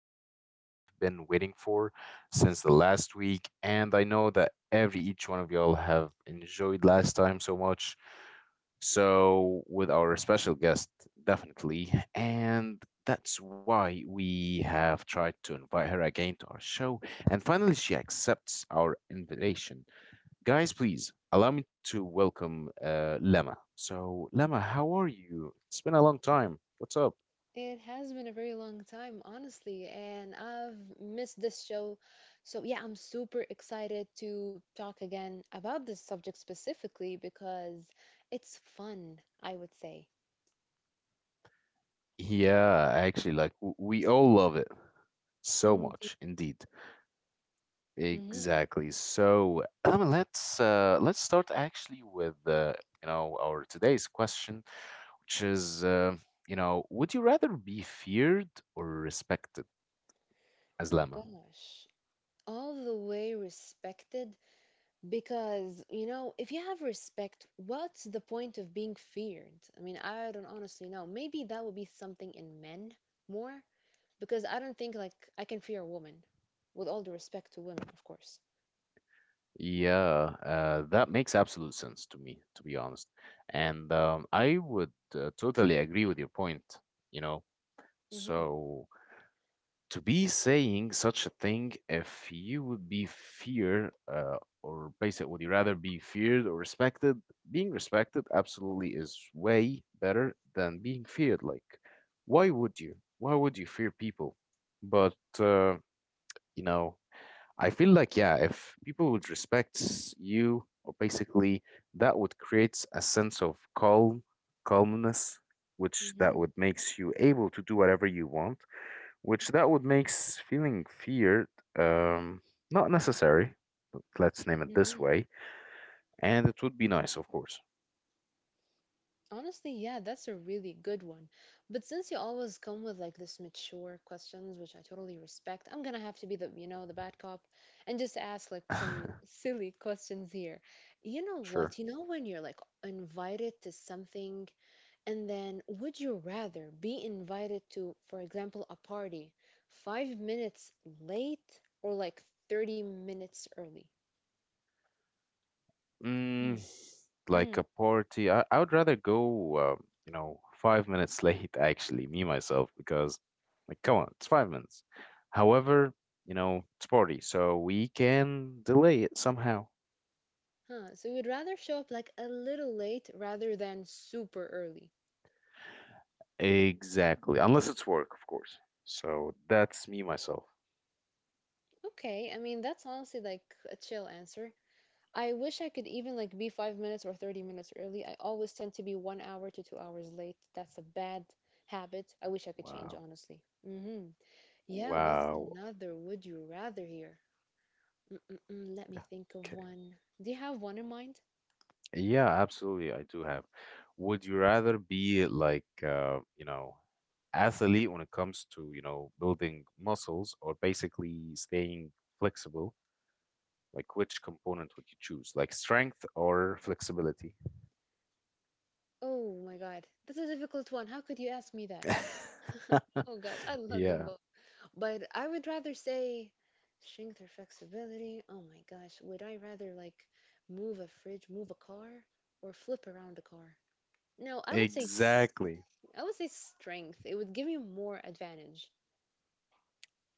the one that we've been waiting for since the last week. And I know that every each one of y'all have enjoyed last time so much. So, with our special guest, definitely. And that's why we have tried to invite her again to our show. And finally, she accepts our invitation. Guys, please allow me to welcome Lema. So, Lema, how are you? It's been a long time. What's up? It has been a very long time, honestly, and I've missed this show. So, yeah, I'm super excited to talk again about this subject specifically because it's fun, I would say. Yeah, actually, we all love it so Indeed. much, indeed. Mm-hmm. Exactly. So, let's start actually with our today's question, which is would you rather be feared or respected as Oh, Lama? gosh. All the way respected because, you know, if you have respect, what's the point of being feared? I mean, I don't honestly know. Maybe that would be something in men more. Because I don't think like I can fear a woman, with all the respect to women, of course. Yeah, that makes absolute sense to me, to be honest. And I would totally agree with your point, you know. Mhm. So to be saying such a thing if you would be fear or basically would you rather be feared or respected, being respected absolutely is way better than being feared. Like, why would you why would you fear people? But you know I feel like, yeah, if people would respect you, or basically that would create a sense of calmness, which that Mhm. would makes you able to do whatever you want, which that would makes feeling feared um, not necessary. Let's name it this Mhm. way, and it would be nice, of course. Honestly, yeah, that's a really good one. But since you always come with like this mature questions, which I totally respect, I'm gonna have to be the bad cop and just ask like some silly questions here. You know Sure. what? You know when you're like invited to something. And then, would you rather be invited to, for example, a party 5 minutes late or like 30 minutes early? Hmm. Mm, like Hmm. a party, I would rather go, 5 minutes late. Actually, me myself, because, like, come on, it's 5 minutes. However, you know, it's party, so we can delay it somehow. Huh. So you'd rather show up like a little late rather than super early. Exactly, unless it's work, of course. So that's me myself. Okay. I mean, that's honestly like a chill answer. I wish I could even like be 5 minutes or 30 minutes early. I always tend to be 1 hour to 2 hours late. That's a bad habit. I wish I could Wow, change, honestly. Mm-hmm. Yeah. What's wow. another would you rather here? Mm-mm-mm, let me think of Okay. one. Do you have one in mind? Yeah, absolutely. I do have. Would you rather be like, athlete when it comes to, you know, building muscles, or basically staying flexible? Like, which component would you choose? Like strength or flexibility? Oh my god, that's a difficult one. How could you ask me that? Oh gosh, I love them Yeah, both. But I would rather say strength or flexibility. Oh my gosh, would I rather like move a fridge, move a car, or flip around a car? No, exactly. I would say strength. It would give me more advantage.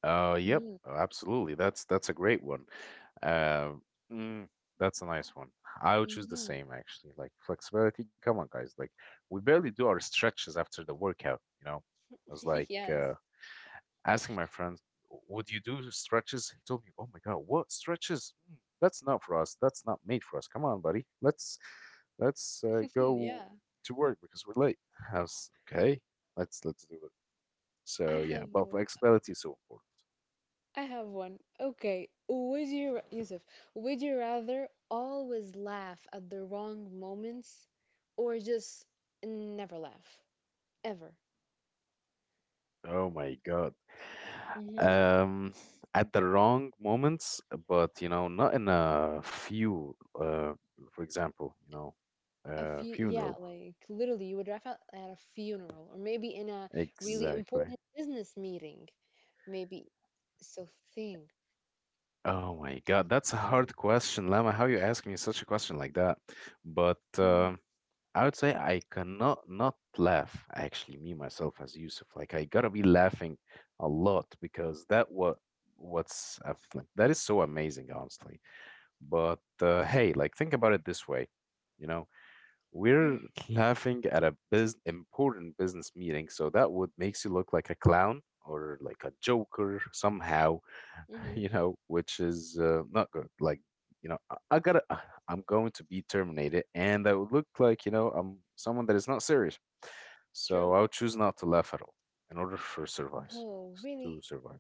Yep, Mm-hmm. oh, absolutely. That's a great one. Uh, mm, that's a nice one. I would choose the Mm-hmm. same actually. Like flexibility. Come on, guys. Like we barely do our stretches after the workout. You know, I was like Yes. asking my friend, "Would you do stretches?" He told me, "Oh my God, what stretches? Mm, that's not for us. That's not made for us. Come on, buddy. Let's Yeah. go to work because we're late." I was okay. Let's do it. I So yeah, have. but flexibility is so important. I have one. Okay. Yusuf, would you rather always laugh at the wrong moments or just never laugh? Ever. Oh my God. Mm-hmm. Um, at the wrong moments, but you know, not in a few, for example, you know, A few, yeah, funeral. like literally, you would laugh at a funeral or maybe in a really Exactly. important business meeting. Maybe. So think. Oh my God, that's a So, hard question, Lama. How you ask me such a question like that? But mm, I would say I cannot not laugh. Actually, me myself as Yusuf, like I gotta be laughing a lot because that what what's like, that is so amazing, honestly. But hey, like think about it this way, you know, we're mm, laughing at a bus important business meeting, so that would makes you look like a clown or like a joker somehow, mm-hmm. you know, which is not good. Like, you know, I'm going to be terminated, and that would look like, you know, I'm someone that is not serious. So I True. would choose not to laugh at all in order for survive Whoa, to really? survive.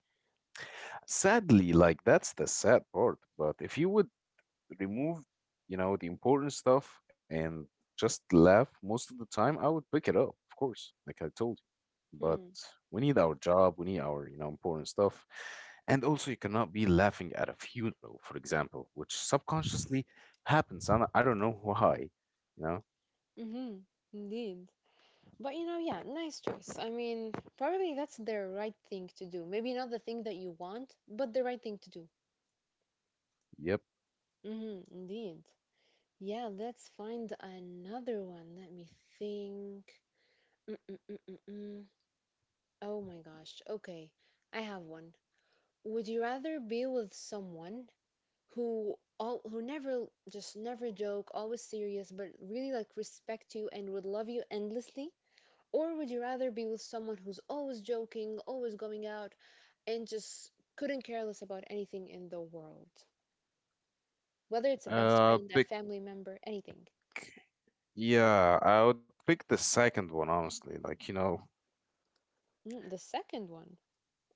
Sadly, like that's the sad part. But if you would remove, you know, the important stuff and just laugh most of the time, I would pick it up, of course, like I told you. But Hmm. we need our job, we need our, you know, important stuff. And also, you cannot be laughing at a funeral, for example, which subconsciously happens. And I don't know why, you know? Mm-hmm. Indeed. But you know, yeah, nice choice. I mean, probably that's the right thing to do. Maybe not the thing that you want, but the right thing to do. Yep. Hmm. Indeed. Yeah, let's find another one. Let me think. Mm-mm-mm-mm-mm. Oh my gosh. Okay, I have one. Would you rather be with someone who never just never joke, always serious, but really like respect you and would love you endlessly, or would you rather be with someone who's always joking, always going out, and just couldn't care less about anything in the world? Whether it's a best Uh, friend, a pick, family member, anything. yeah, I would pick the second one, honestly. Like, you know, Mm, the second one.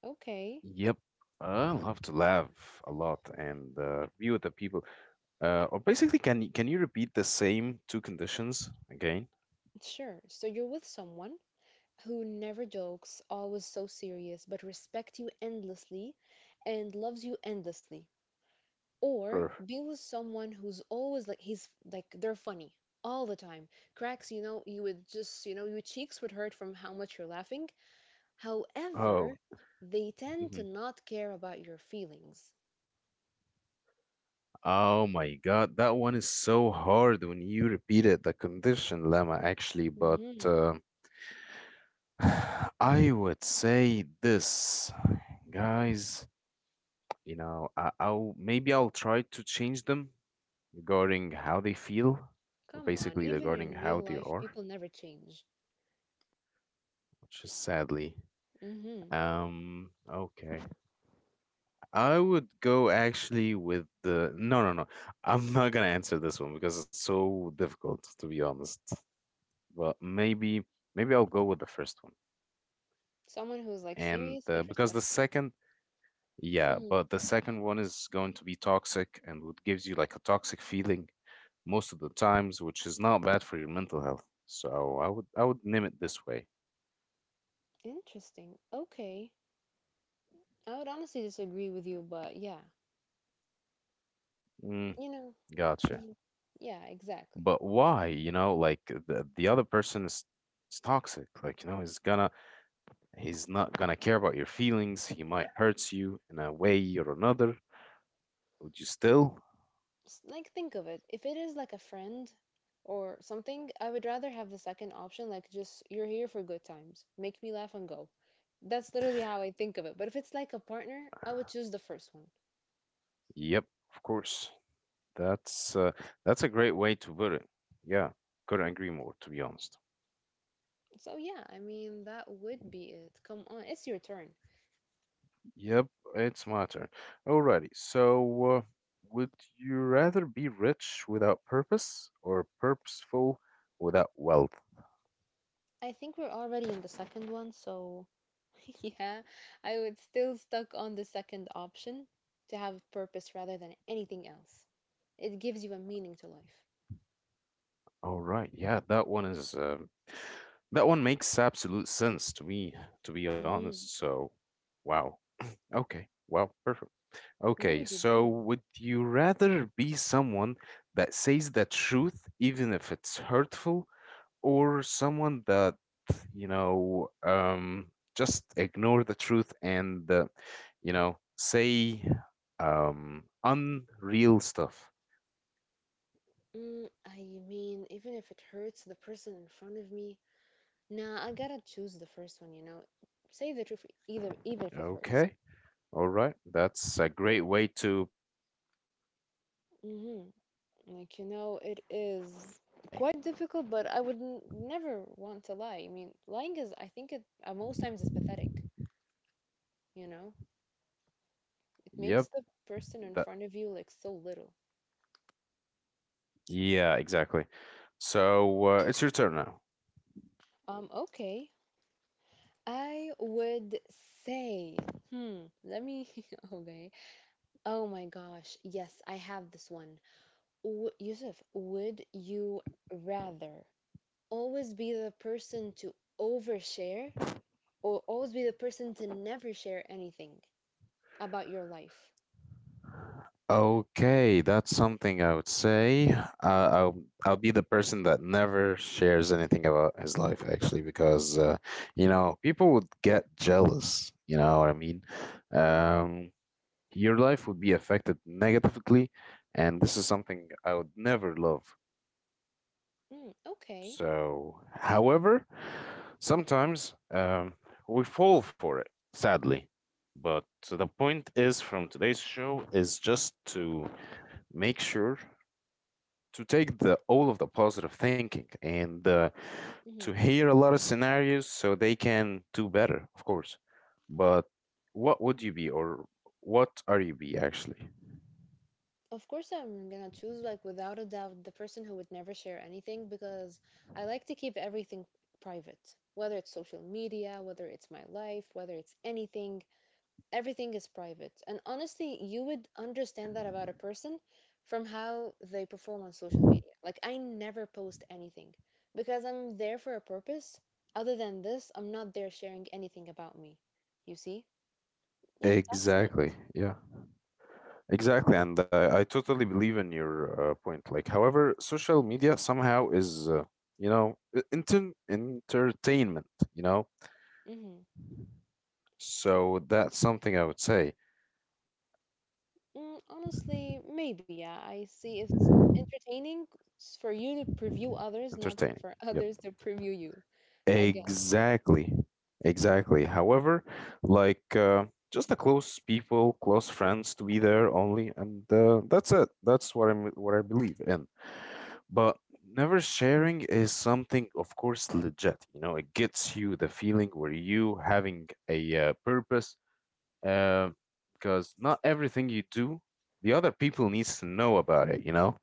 Okay, yep. I love to laugh a lot and be with the people. Or basically, can you repeat the same two conditions again? sure. So you're with someone who never jokes, always so serious, but respects you endlessly and loves you endlessly. Or Per be with someone who's always like, they're funny all the time, cracks, you know, you would just, you know, your cheeks would hurt from how much you're laughing. oh, However, they tend mhm. to not care about your feelings. Oh my God, that one is so hard when you repeat it. The condition lemma actually, but Hmm. I would say this, guys. You know, I'll maybe I'll try to change them regarding how they feel, or Come on, basically even regarding in real how they life, are, people never change. which is sadly. Hmm. Okay. I would go actually with the no. I'm not gonna answer this one because it's so difficult to be honest. But maybe I'll go with the first one, Someone who's like and serious but because respects you. Yeah, Hmm. but the second one is going to be toxic and what gives you like a toxic feeling most of the times, which is not bad for your mental health. So I would name it this way. Interesting. Okay. I would honestly disagree with you, but yeah. Mm, You know, gotcha. mm, yeah, exactly. But why? You know, like the other person is toxic. Like, you know, is gonna he's not gonna care about your feelings. He might hurt you in a way or another. Would you still? Like, think of it. If it is like a friend or something, I would rather have the second option. Like, just, you're here for good times, make me laugh and go. That's literally how I think of it. But if it's like a partner, I would choose the first one. Yep, of course. That's uh, that's a great way to put it. Yeah, couldn't agree more, to be honest. So yeah, I mean that would be it. Come on, it's your turn. Yep, it's my turn. Alrighty, so would you rather be rich without purpose or purposeful without wealth? I think we're already in the second one, so yeah, I would still stuck on the second option. To have purpose rather than anything else, it gives you a meaning to life. All right. Yeah, that one is that one makes absolute sense to me, to be Hmm. honest. So, wow. Okay. Wow, perfect. What would Okay, you do? so would you rather be someone that says the truth even if it's hurtful, or someone that, you know, just ignore the truth and you know, say unreal stuff? Mm, I mean, even if it hurts the person in front of me, nah, I gotta choose the first one, you know. Say the truth, either even if it hurts. Okay. All right, that's a great way to put it, actually. I would Hmm. totally agree with you. Like, you know, it I would be the is same. quite difficult, but I would n never want to lie. I mean, lying is, I think it, most times is pathetic, you know. It Yep. makes the person in That, front of you like so little. yeah, exactly. So it's your turn now. Okay. I would say, let me, okay. Oh my gosh, yes, I have this one. Yusuf, would you rather always be the person to overshare or always be the person to never share anything about your life? Okay, that's something I would say. Uh, I'll I'll be the person that never shares anything about his life actually, because you know people would get jealous. You know what I mean? Mm, Um, your life would be affected negatively, and this is something I would never love. Okay. So, however, sometimes we fall for it, sadly. But the point is from today's show is just to make sure to take the all of the positive thinking and to Hmm. hear a lot of scenarios so they can do better, of course. But what would you be, or what are you be actually? Of course, I'm gonna choose, like, without a doubt, the person who would never share anything because I like to keep everything private, whether it's social media, whether it's my life, whether it's anything. Everything is private. And honestly, you would understand that about a person from how they perform on social media. Like, I never post anything because I'm there for a purpose. Other than this, I'm not there sharing anything about me. You see? Yep, that's it. Exactly. Yeah. Exactly, and I totally believe in your point. Like, however, social media somehow is, entertainment. You know, Mm-hmm. so that's something I would say Mm, honestly, maybe, yeah. I see it's entertaining for you to preview others, not entertaining. for Yeah. others to preview you, I guess. Exactly. Exactly. However, like just the close people, close friends to be there only, and that's it. That's what I believe in. But never sharing is something, of course, legit. You know, it gets you the feeling where you having a purpose, Uh, because not everything you do, the other people needs to know about it. You know.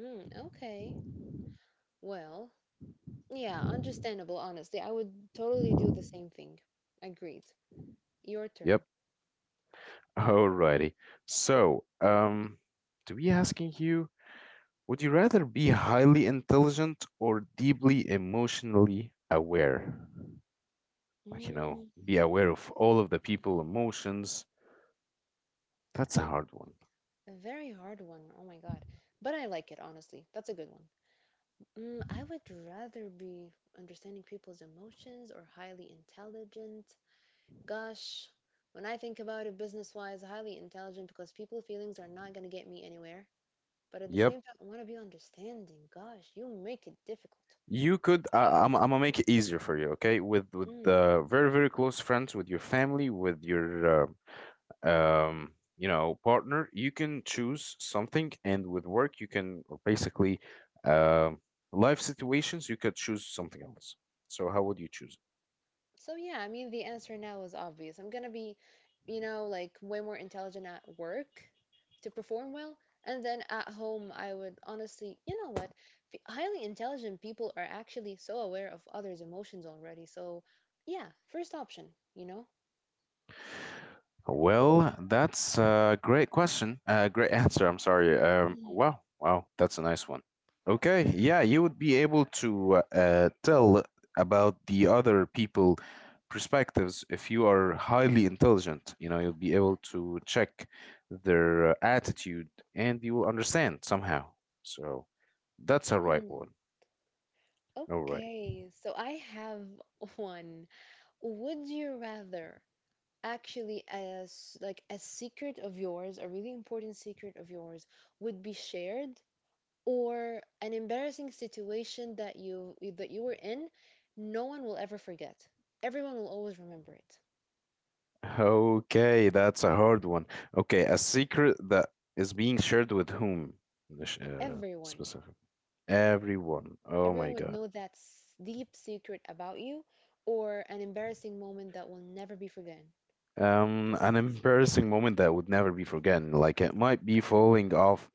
Mm, okay. Well, yeah, understandable, honestly. I would totally do the same thing. Agreed. Your Yep. turn. Alrighty. So, to be asking you, would you rather be highly intelligent or deeply emotionally aware? Like, you know, Mm, be aware of all of the people emotions. That's a I hard one. a very hard one. Oh my God. But I like it, honestly. That's a good one. Mm, I would rather be understanding people's emotions or highly intelligent. Gosh, when I think about it business-wise, highly intelligent because people feelings are not gonna get me anywhere. But at the Yep. same time, I want to be understanding. Gosh, you make it difficult. You could, I'm gonna make it easier for you, okay? With very, very close friends, with your family, with your, uh, you know, partner, you can choose something. And with work, you can, or basically, um life situations, you could choose something else. So how would you choose? So yeah, I mean the answer now is obvious. I'm gonna be, you know, like way more intelligent at work to perform well, and then at home I would honestly, you know what? Highly intelligent people are actually so aware of others' emotions already. So yeah, first option, you know? Well, that's a great question. Great answer. I'm sorry. Mhm, Wow, that's a nice one. Okay, yeah, you would be able to tell about the other people perspectives if you are highly intelligent. You know, you'll be able to check their attitude and you will understand somehow. So that's a right mhm. one. All right. Okay, so I have one. Would you rather actually as like a secret of yours, a really important secret of yours would be shared or an embarrassing situation that you were in, no one will ever forget. Everyone will always remember it. Okay, that's a hard one. Okay, a secret that is being shared with whom? Everyone. Specific. Everyone. Oh Everyone my would God. know that deep secret about you or an embarrassing moment that will never be forgotten. An embarrassing moment that would never be forgotten. Like it might be falling off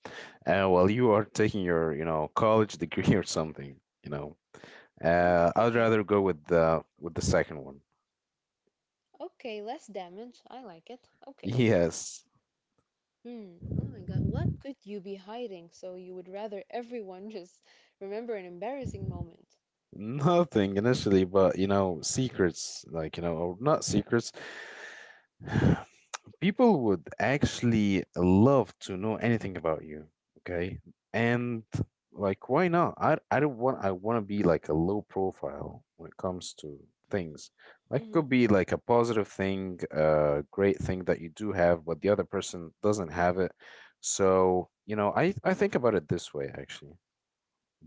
while you are taking your, you know, college degree or something, you know. Mm, I'd okay. rather go with the second one. Okay, less damage. I like it. Okay. Yes. Hmm. Oh my God. What could you be hiding so you would rather everyone just remember an embarrassing moment? Nothing initially, but you know, secrets, like, you know, or not secrets. People would actually love to know anything about you, okay, and like, why not? I don't want, I want to be like a low profile when it comes to things. Like, it could Mm-hmm. be like a positive thing, a great thing that you do have but the other person doesn't have it. So you know, I think about it this way actually.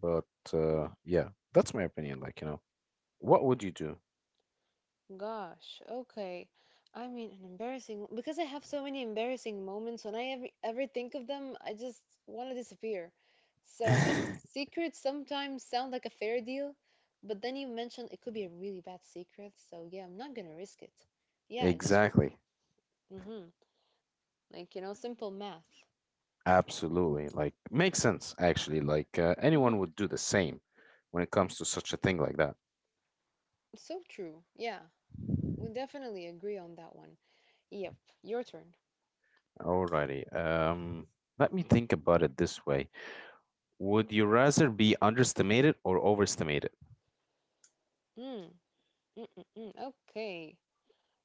But Hmm. yeah, that's my opinion, like, you know, what would you do? Gosh, okay. I mean, an embarrassing because I have so many embarrassing moments. When I ever, ever think of them, I just want to disappear. So a secret sometimes sound like a fair deal, but then you mentioned it could be a really bad secret. So yeah, I'm not gonna risk it. Yeah, just re- Exactly. hmm like, you know, simple math. Absolutely. Like, makes sense, actually. Like, Hmm. anyone would do the same when it comes to such a thing like that. So true. Yeah, we definitely agree on that one. Yep, your turn. Alrighty. Let me think about it this way. Would you rather be underestimated or overestimated? Mm, mm. Okay.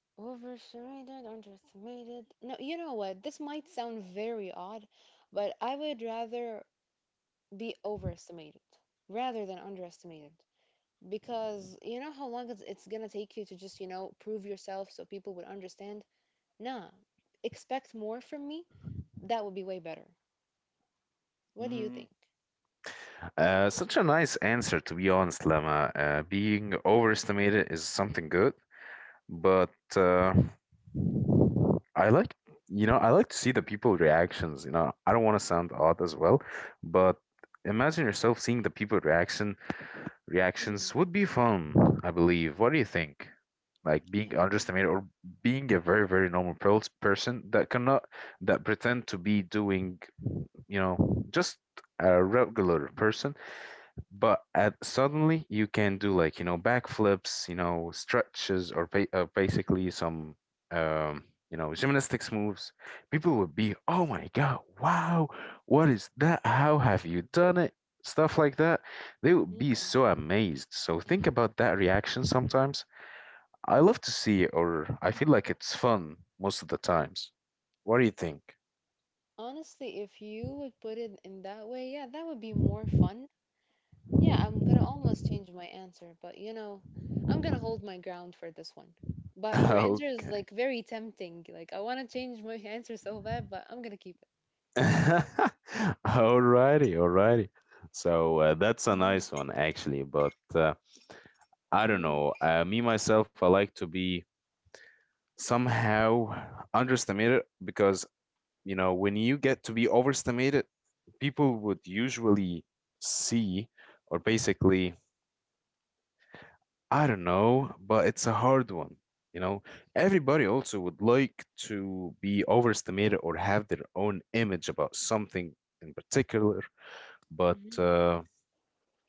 Overestimated, underestimated. No, you know what? This might sound very odd, but I would rather be overestimated rather than underestimated because you know how long it's gonna take you to just, you know, prove yourself so people would understand? Nah, expect more from me. That would be way better. What do you Mm, think? Such a nice answer, to be honest, Lama. Being overestimated is something good, but uh, I like, you know, I like to see the people reactions. You know, I don't want to sound odd as well, but imagine yourself seeing the people Mm, reactions would be fun, I believe. What do you think? Like I being mean, underestimated or being a very, very normal person that cannot that pretend to be doing, you know, just a regular person but suddenly you can do like, you know, backflips, you know, stretches or basically some um you know gymnastics moves. People would be, oh my god, wow, what is that, how have you done it, stuff like that. They would be mm. so amazed, so think about that reaction sometimes. I love to see it, or I feel like it's fun most of the times. What do you think? Honestly, if you would put it in that way, yeah, that would be more fun. Yeah, I'm gonna almost change my answer, but you know, I'm gonna hold my ground for this one. But your answer is Okay. like very tempting. Like I wanna change my answer so bad, but I'm gonna keep it. Alrighty, alrighty. So that's a Mhm. nice one, actually. But I don't Mhm. know. Me myself, I like to be somehow underestimated because you know when you get to be overestimated, people would usually see or basically I don't know. But it's a hard one. You know, everybody also would like to be overestimated or have their own image about something in particular, but Mhm.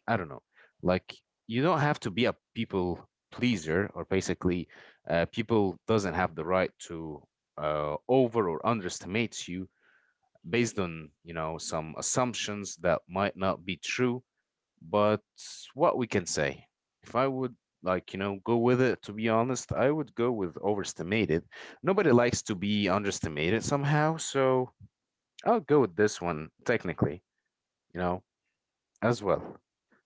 I don't know. Like you don't have to be a people pleaser or basically people doesn't have the right to over or underestimate you based on, you know, some assumptions that might not be true. But what we can say, if I would, like, you know, go with it, to be honest, I would go with overestimated. Nobody likes to be underestimated somehow, so I'll go with this one technically, you know, as well.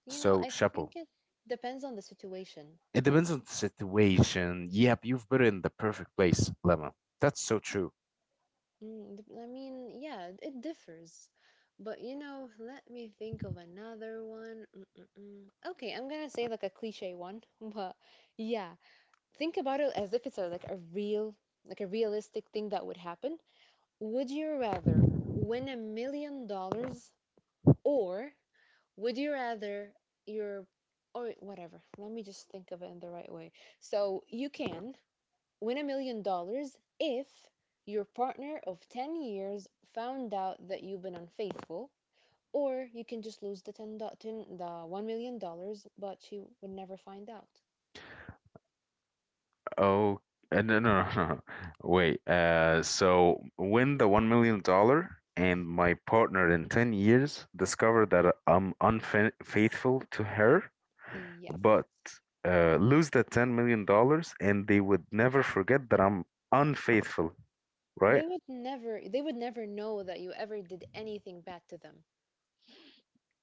You know, So I chapeau. think it depends on the situation. It depends on the situation. Yep, you've put it in the perfect place, Lemma. That's so true. Mm, I mean, yeah, it differs. But you know, let me think of another one. Mm-mm-mm. Okay, I'm gonna say like a cliche one, but yeah, think about it as if it's a, like a real, like a realistic thing that would happen. Would you rather win $1 million, or would you rather your, or whatever. Let me just think of it in the right way. So you can win $1 million if your partner of 10 years found out that you've been unfaithful, or you can just lose the 10, 10, the $1 million, but she would never find out. Oh, no, no, no, no, no. Wait. So win the $1 million, and my partner in 10 years discover that I'm unfaithful to her, Yes. but lose the $10 million, and they would never forget that I'm unfaithful, right? They would never know that you ever did anything bad to them.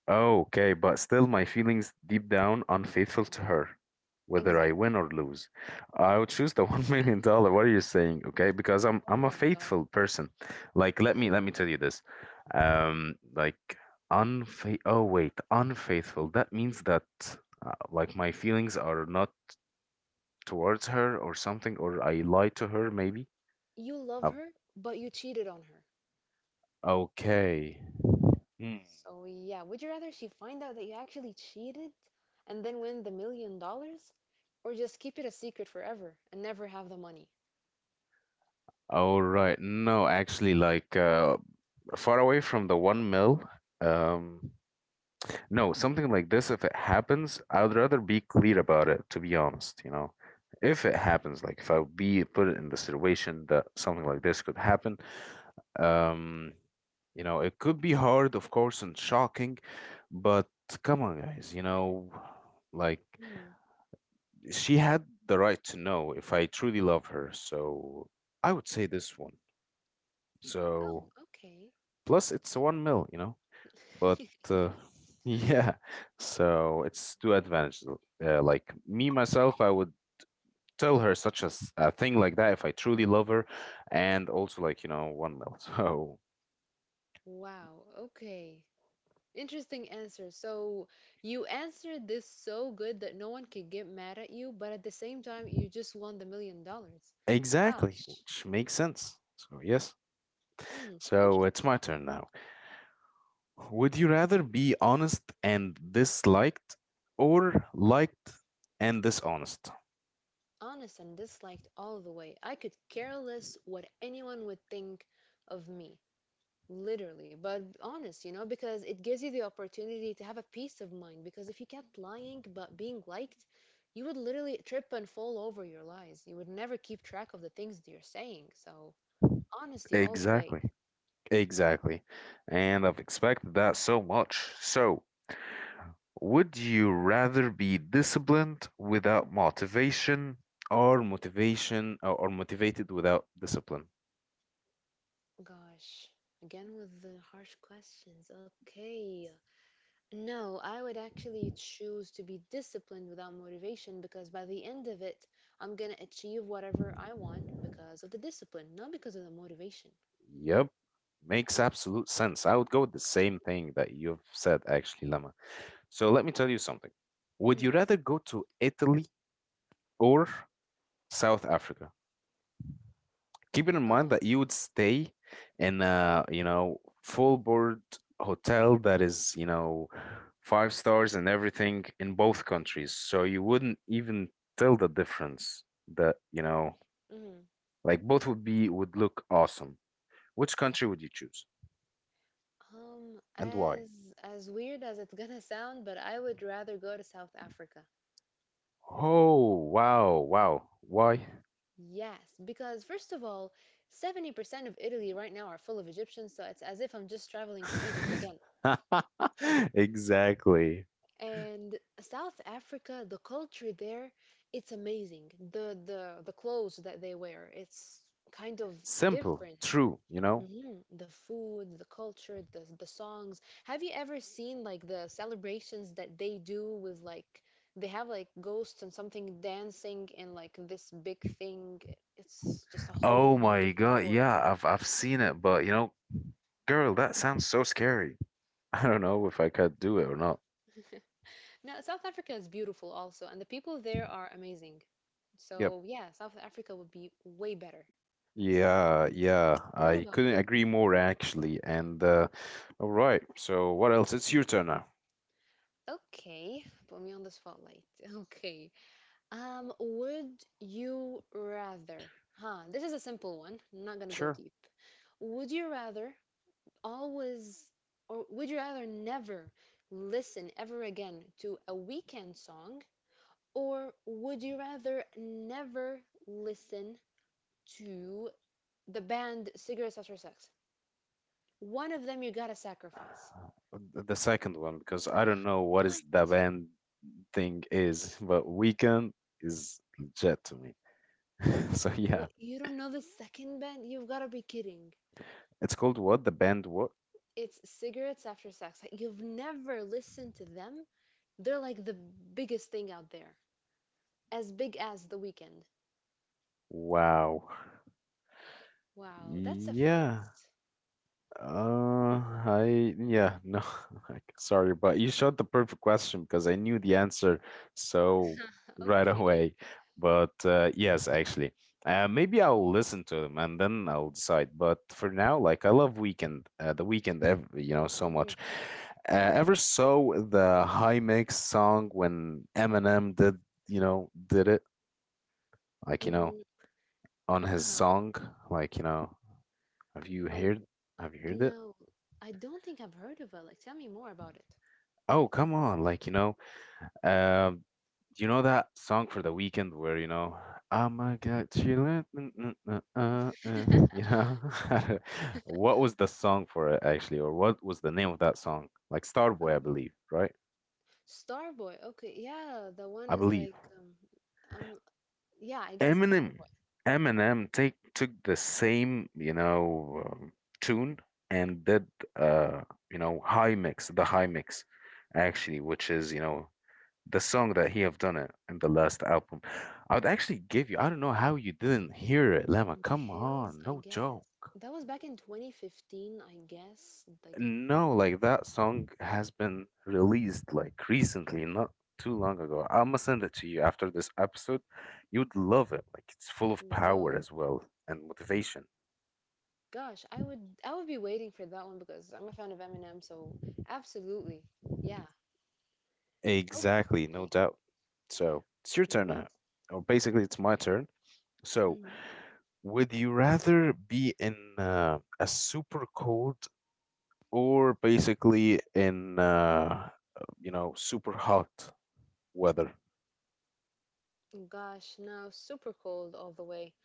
Okay, but still, my feelings deep down unfaithful to her, whether I Exactly. win or lose. I would choose the $1 million. What are you saying? Okay, because I'm Oh I'm a my god. faithful person. Like, let me tell you this. Like unfa oh wait, unfaithful, that means that like my feelings are not towards her or something, or I lie to her maybe. You uh, love her, but you cheated on her. okay. Hmm. So yeah, would you rather she find out that you actually cheated and then win the $1 million, or just keep it a secret forever and never have the money? All right, no, actually, like far away from the one mil. um no, something like this, if it happens, I would rather be clear about it, to be honest, you know. If it happens, like if I would be put in the situation that something like this could happen, um you know, it could be hard, of course, and shocking, but come on, guys, you know, like, Hmm. she had the right to know if I truly love her. So I would say this one. Oh, So okay. plus it's one mil, you know, but uh, Yeah. yeah, so it's two advantages. Like me myself, I would tell her such as a thing like that if I truly love her, and also like, you know, one mil. So Wow. Okay. Interesting answer. So you answered this so good that no one could get mad at you, but at the same time, you just won the $1 million. exactly, Gosh. which makes sense. So yes. Hmm. So Interesting. it's my turn now. Would you rather be honest and disliked, or liked and dishonest? Honest and disliked all the way. I could care less what anyone would think of me, literally, but honest, you know, because it gives you the opportunity to have a peace of mind. Because if you kept lying but being liked, you would literally trip and fall over your lies. You would never keep track of the things that you're saying. So, honesty all the way. Exactly. Exactly. And I've expected that so much. So, would you rather be disciplined without motivation or motivated without discipline? Gosh, again with the harsh questions. Okay. No, I would actually choose to be disciplined without motivation because by the end of it, I'm going to achieve whatever I want because of the discipline, not because of the motivation. Yep, makes absolute sense. I would go with the same thing that you've said, actually, Lama. So let me tell you something. Would you Mm, rather go to Italy or South Africa? Keeping in God. mind that you would stay in a, you know, full board hotel that is, you know, five stars and everything in both countries. So you wouldn't even tell the difference that, you know, Mm. like both would look awesome. Which country would you choose Um, and why? as as weird as it's gonna sound, but I would rather go to South Africa. Oh, wow, wow. Why? Yes, because first of all, 70% of Italy right now are full of Egyptians, so it's as if I'm just traveling to Egypt again. Exactly. And South Africa, the culture there, it's amazing. The clothes that they wear, it's kind of Simple, different. true, you know? Hmm. The food, the culture, the songs. Have you ever seen like the celebrations that they do with like they have like ghosts and something dancing and like this big thing? It's just a Oh whole new my different God, story. yeah, I've seen it, but you know, girl, that sounds so scary. I don't know if I could do it or not. Now, South Africa is beautiful also, and the people there are amazing. Yep. So, yeah, South Africa would be way better. Yeah, yeah. What I about couldn't you? agree more actually. And all right. So what else? It's your turn now. Okay, put me on the spotlight. Okay. Would you rather? Huh, this is a simple one. I'm not gonna go Sure. deep. Would you rather always, or would you rather never listen ever again to a weekend song, or would you rather never listen to the band Cigarettes After Sex? One of them you gotta sacrifice. The second one, because I don't know what What? is the band thing is, but Weekend is legit to me. So yeah, What? You don't know the second band? You've gotta be kidding. it's called what? The band what? It's Cigarettes After Sex. Like, you've never listened to them. They're like the biggest thing out there, as big as The Weekend. Wow. Wow, that's a Yeah. first. Uh, I yeah, no. Like, sorry, but you shot the perfect question because I knew the answer so right Okay. away. But yes, actually, maybe I'll listen to them and then I'll decide. But for now, like, I love Weekend, the Weekend, ev you know, so much. Mhm. Ever saw the High Mix song when Eminem did, you know, did it? Like, you know, Mm, on his uh-huh. song, like, you know, have you Oh, heard, have you heard it? no, I don't think I've heard of it. Like, tell me more about it. Oh come on, like, you know, um you know that song for the Weekend where, you know, I'm a guy chilling, you know. What was the song for it actually, or what was the name of that song, like Starboy, I Um, believe, right? Starboy. Okay, yeah, the one I is believe like, um, yeah, I guess it's Eminem, Starboy. Eminem take took the same, you know, tune and did, uh, you know, the high mix, actually, which is, you know, the song that he have done it in the last album. I would actually give you. I don't know how you didn't hear it, Lama. The Come Hills, on, I no joke. guess. That was back in 2015, I guess. Like, No, like that song has been released like recently, not too long ago. I'ma send it to you after this episode. You'd love it. Like it's full of power whoa. as well and motivation. Gosh, I would be waiting for that one because I'm a fan of Eminem, so absolutely. Yeah. Oh, Exactly, no okay. doubt. So it's your turn now. Let's Or basically it's my turn. So mhm. would you rather be in a super cold or basically in you know super hot weather? Gosh, no, super cold all the way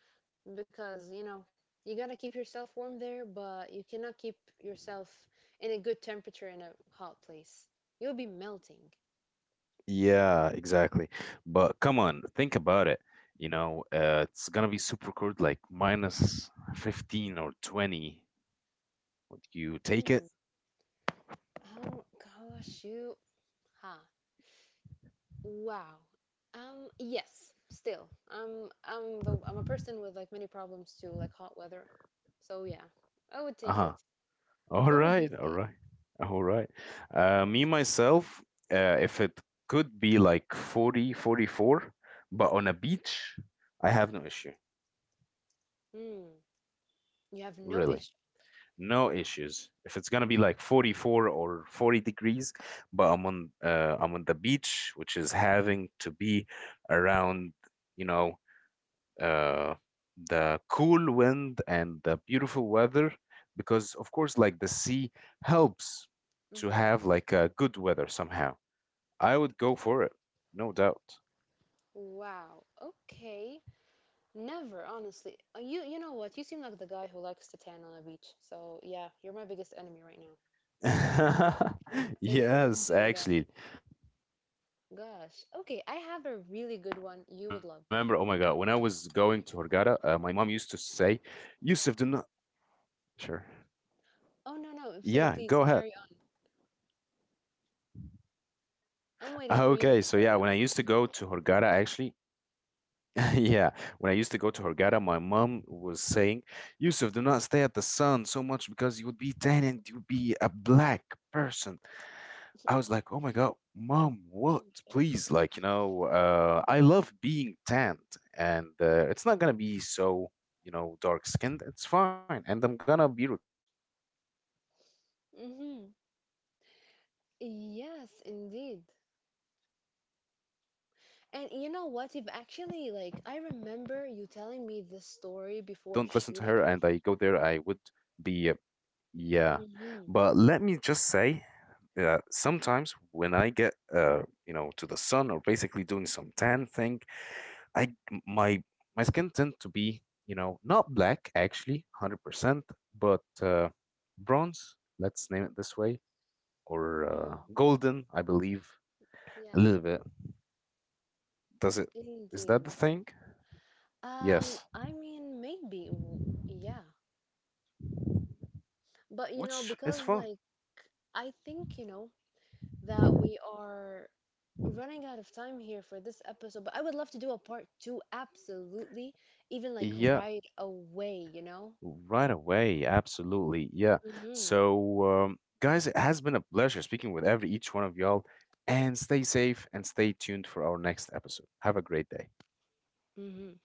because, you know, you gotta keep yourself warm there, but you cannot keep yourself in a good temperature in a hot place. You'll be melting. Yeah, exactly. But come on, think about it. You know, it's gonna be super cold, like minus 15 or 20. Would you take it? Mm. Oh gosh, you huh. Wow. Yes, still. I'm a person with like many problems too, like hot weather. So yeah, I would take Uh-huh. it. All What would you right, all say? right, all right. Me myself, if it could be like 40, 44, but on a beach, I have no issue, Hmm. You have no really. issue. No issues. If it's gonna be like 44 or 40 degrees, but I'm on the beach, which is having to be around, you know, uh, the cool wind and the beautiful weather, because of course, like the sea helps to Mm-hmm. have like a good weather somehow. I would go for it, no doubt. Wow. Okay. Never, honestly. You know what? You seem like the guy who likes to tan on a beach. So yeah, you're my biggest enemy right now. So you Yes, enjoy that. actually. I remember, oh my God, when I Gosh. was Okay, I going to have a Hurghada, really good my one mom used you to would love. say, Yusuf, do not. Sure. Yeah, go Oh ahead. no no, please carry Okay, on. so I'm yeah, waiting when for I you to used to go carry on. to Hurghada, actually, yeah, when I used to go to Hurghada, my mom was saying, Yusuf, do not stay at the sun so much because you would be tan and you would be a black person. I was like, "Oh my God, mom, Oh what? my god. Please, like, you know, I love being tanned, and it's not gonna be so, you know, dark skinned. It's fine, and I'm gonna be recovering. I'll be back Mm-hmm. again." And she tells me, "No, no, please, Yes, do not be like indeed. this." And I tend to say, "All right, And you know whatever." what? You've actually, However, like, I I don't listen to remember her, you and I telling me go this there. I story would before shooting. be, yeah, but let me Mm-hmm. just say that sometimes when I get you know to the sun or basically doing some tan thing, I m- my my skin tend to be, you know, not black actually 100%, but bronze, let's name it this way, or Mm, golden I believe, a yeah, little bit. Does it, is that the indeed. thing? Yes, I mean, maybe, w- yeah. But, you know, which is because, fun. like, I think, you know, that we are running out of time here for this episode, but I would love to do a part two, absolutely, even, like, Yeah, right away, you know? right away, absolutely. Yeah. Mm-hmm. So, guys, it has been a pleasure speaking with every each one of y'all, and stay safe and stay tuned for our next episode. Have a great day. Mm-hmm.